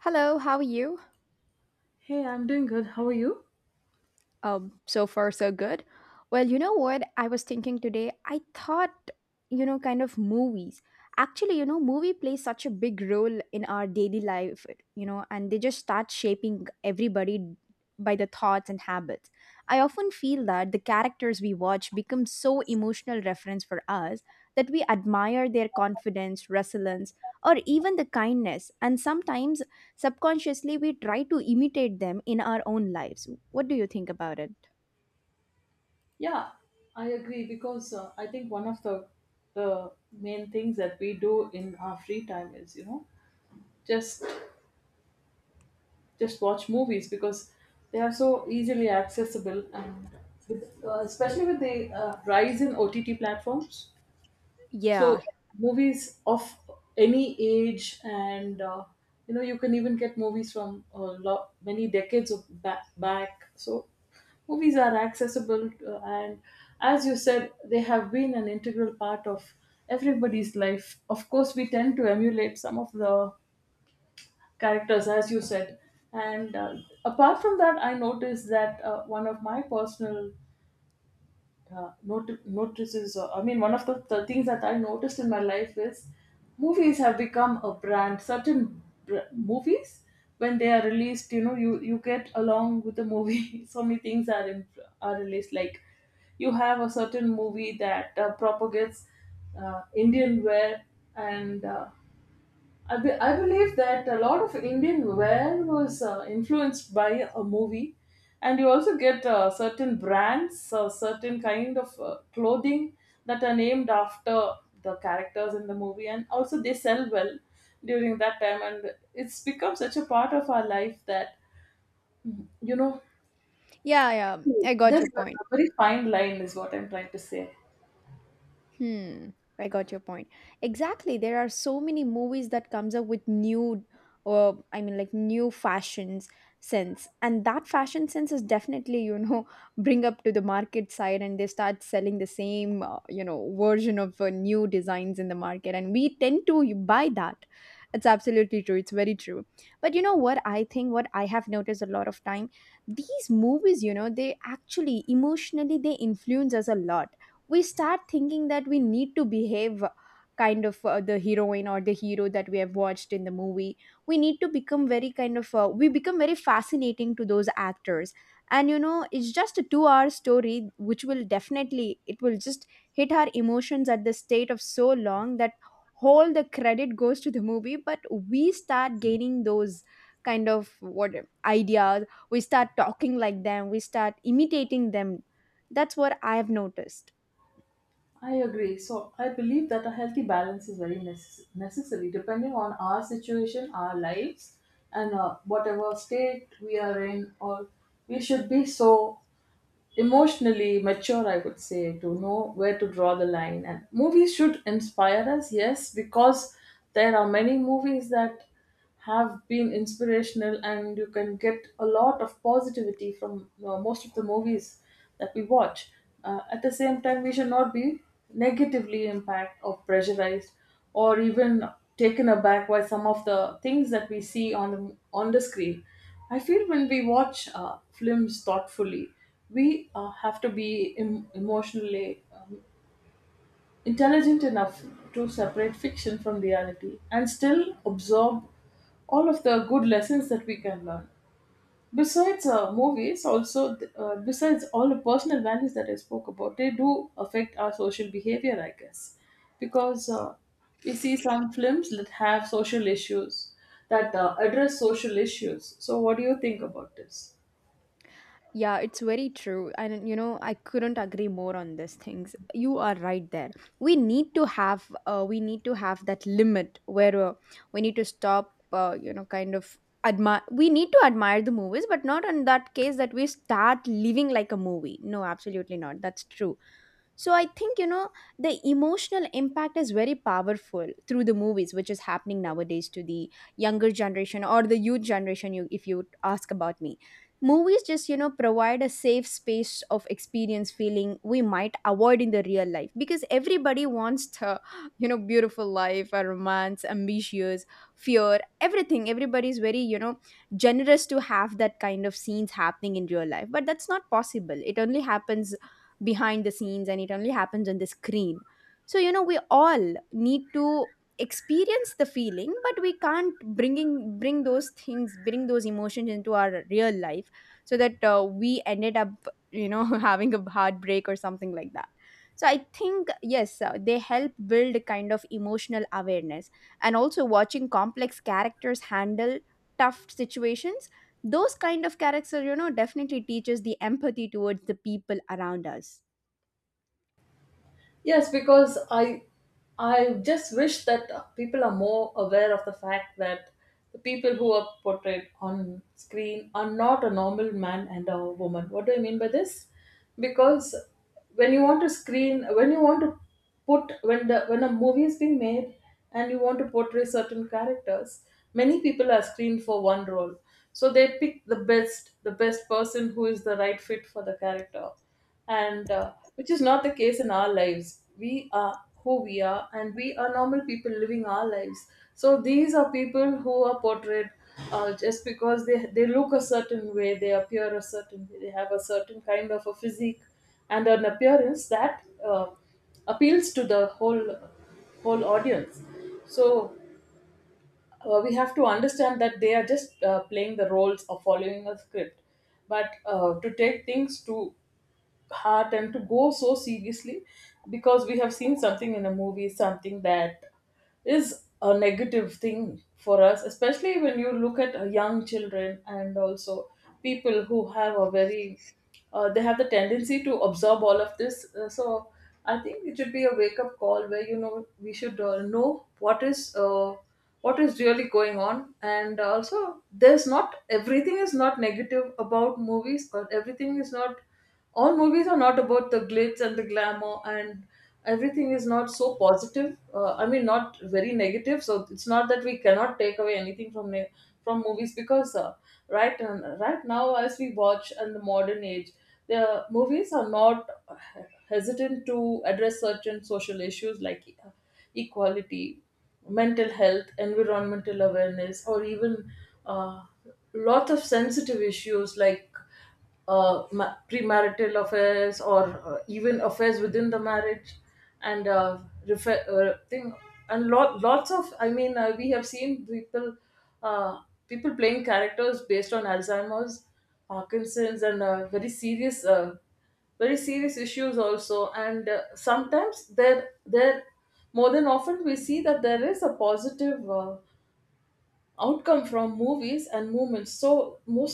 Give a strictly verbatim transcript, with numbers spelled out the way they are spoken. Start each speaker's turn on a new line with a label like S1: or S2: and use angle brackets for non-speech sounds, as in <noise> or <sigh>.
S1: Hello, how are you?
S2: Hey, I'm doing good. How are you?
S1: Um, so far so good. Well, you know what I was thinking today? I thought, you know, kind of movies. Actually, you know, movie plays such a big role in our daily life, you know, and they just start shaping everybody by the thoughts and habits. I often feel that the characters we watch become so emotional reference for us that we admire their confidence, resilience, or even the kindness, and sometimes subconsciously we try to imitate them in our own lives. What do you think about it?
S2: Yeah, I agree because uh, I think one of the the main things that we do in our free time is you know just just watch movies because they are so easily accessible and with, uh, especially with the uh, rise in O T T platforms. So
S1: Yeah,
S2: movies of any age, and uh, you know you can even get movies from a lot many decades of back. back. So movies are accessible, uh, and as you said, they have been an integral part of everybody's life. Of course, we tend to emulate some of the characters, as you said. And uh, Apart from that, I noticed that uh, one of my personal uh, not- notices. Uh, I mean, one of the, the things that I noticed in my life is movies have become a brand. Certain br- movies, when they are released, you know, you you get along with the movie. <laughs> So many things are in, are released. Like you have a certain movie that uh, propagates uh, Indian wear and uh, I, be- I believe that a lot of Indian wear was uh, influenced by a movie, and you also get uh, certain brands, uh, certain kind of uh, clothing that are named after the characters in the movie, and also they sell well during that time, and it's become such a part of our life that you know
S1: yeah, yeah. I got
S2: there's
S1: your point.
S2: a very fine line, is what I'm trying to say.
S1: Hmm, I got your point. Exactly. There are so many movies that comes up with new, or I mean like, new fashions sense. And that fashion sense is definitely, you know, <laughs> bring up to the market side and they start selling the same, uh, you know, version of uh, new designs in the market and we tend to buy that. It's absolutely true. It's very true. But you know what I think, what I have noticed a lot of time, these movies, you know, they actually emotionally they influence us a lot. We start thinking that we need to behave kind of, uh, the heroine or the hero that we have watched in the movie. We need to become very kind of, uh, we become very fascinating to those actors. And you know it's just a two hour story which will definitely, it will just hit our emotions at the state of so long that whole the credit goes to the movie. But we start gaining those kind of, what, ideas. We start talking like them, we start imitating them. That's what I have noticed.
S2: I agree. So I believe that a healthy balance is very necess- necessary, depending on our situation, our lives, and uh, whatever state we are in. Or we should be so emotionally mature, I would say, to know where to draw the line. And movies should inspire us, yes, because there are many movies that have been inspirational, and you can get a lot of positivity from uh, most of the movies that we watch. Uh, at the same time, we should not be negatively impacted or pressurized or even taken aback by some of the things that we see on the, on the screen. I feel when we watch uh, films thoughtfully we uh, have to be em- emotionally um, intelligent enough to separate fiction from reality and still absorb all of the good lessons that we can learn. Besides uh, movies also th- uh, besides all the personal values that I spoke about, they do affect our social behavior, I guess, because uh, we see some films that have social issues, that uh, address social issues. So what do you think about this?
S1: Yeah, it's very true. And you know, I couldn't agree more on these things. You are right there. We need to have uh, we need to have that limit where uh, we need to stop, uh, you know kind of admire we need to admire the movies but not in that case that we start living like a movie. No, absolutely not. That's true. So I think, you know the emotional impact is very powerful through the movies which is happening nowadays to the younger generation or the youth generation. You If you ask about me, movies just you know provide a safe space of experience feeling we might avoid in the real life, because everybody wants to, you know beautiful life, a romance, ambitious, fear, everything. Everybody's very, you know generous to have that kind of scenes happening in real life, but that's not possible. It only happens behind the scenes and it only happens on the screen. So, you know we all need to experience the feeling but we can't bringing bring those things, bring those emotions into our real life, so that uh, we ended up, you know <laughs> having a heartbreak or something like that. So I think, yes, uh, they help build a kind of emotional awareness. And also, watching complex characters handle tough situations, those kind of characters, you know definitely teaches the empathy towards the people around us.
S2: Yes, because I I just wish that uh, people are more aware of the fact that the people who are portrayed on screen are not a normal man and a woman. What do I mean by this? Because when you want to screen, when you want to put when the when a movie is being made and you want to portray certain characters, many people are screened for one role. So they pick the best, the best person who is the right fit for the character and uh, which is not the case in our lives. We are who we are, and we are normal people living our lives. So these are people who are portrayed uh, just because they they look a certain way, they appear a certain way, they have a certain kind of a physique and an appearance that uh, appeals to the whole whole audience. So uh, we have to understand that they are just uh, playing the roles of following a script, but uh, to take things to heart and to go so seriously because we have seen something in a movie, something that is a negative thing for us, especially when you look at uh, young children and also people who have a very, uh, they have the tendency to absorb all of this. Uh, so I think it should be a wake up call where you know we should uh, know what is. Uh, what is really going on. And also there's not everything is not negative about movies, or everything is not all movies are not about the glitz and the glamour, and everything is not so positive, uh, I mean not very negative. So it's not that we cannot take away anything from ne- from movies, because uh, right uh, right now as we watch in the modern age, the movies are not hesitant to address certain social issues like uh, equality, mental health, environmental awareness, or even uh, lots of sensitive issues like uh, ma- premarital affairs or uh, even affairs within the marriage, and uh, refer- uh, thing. And lot lots of, I mean, uh, we have seen people uh, people playing characters based on Alzheimer's, Parkinson's, and uh, very serious uh, very serious issues also. And uh, sometimes there there more than often we see that there is a positive uh, outcome from movies and movements. So most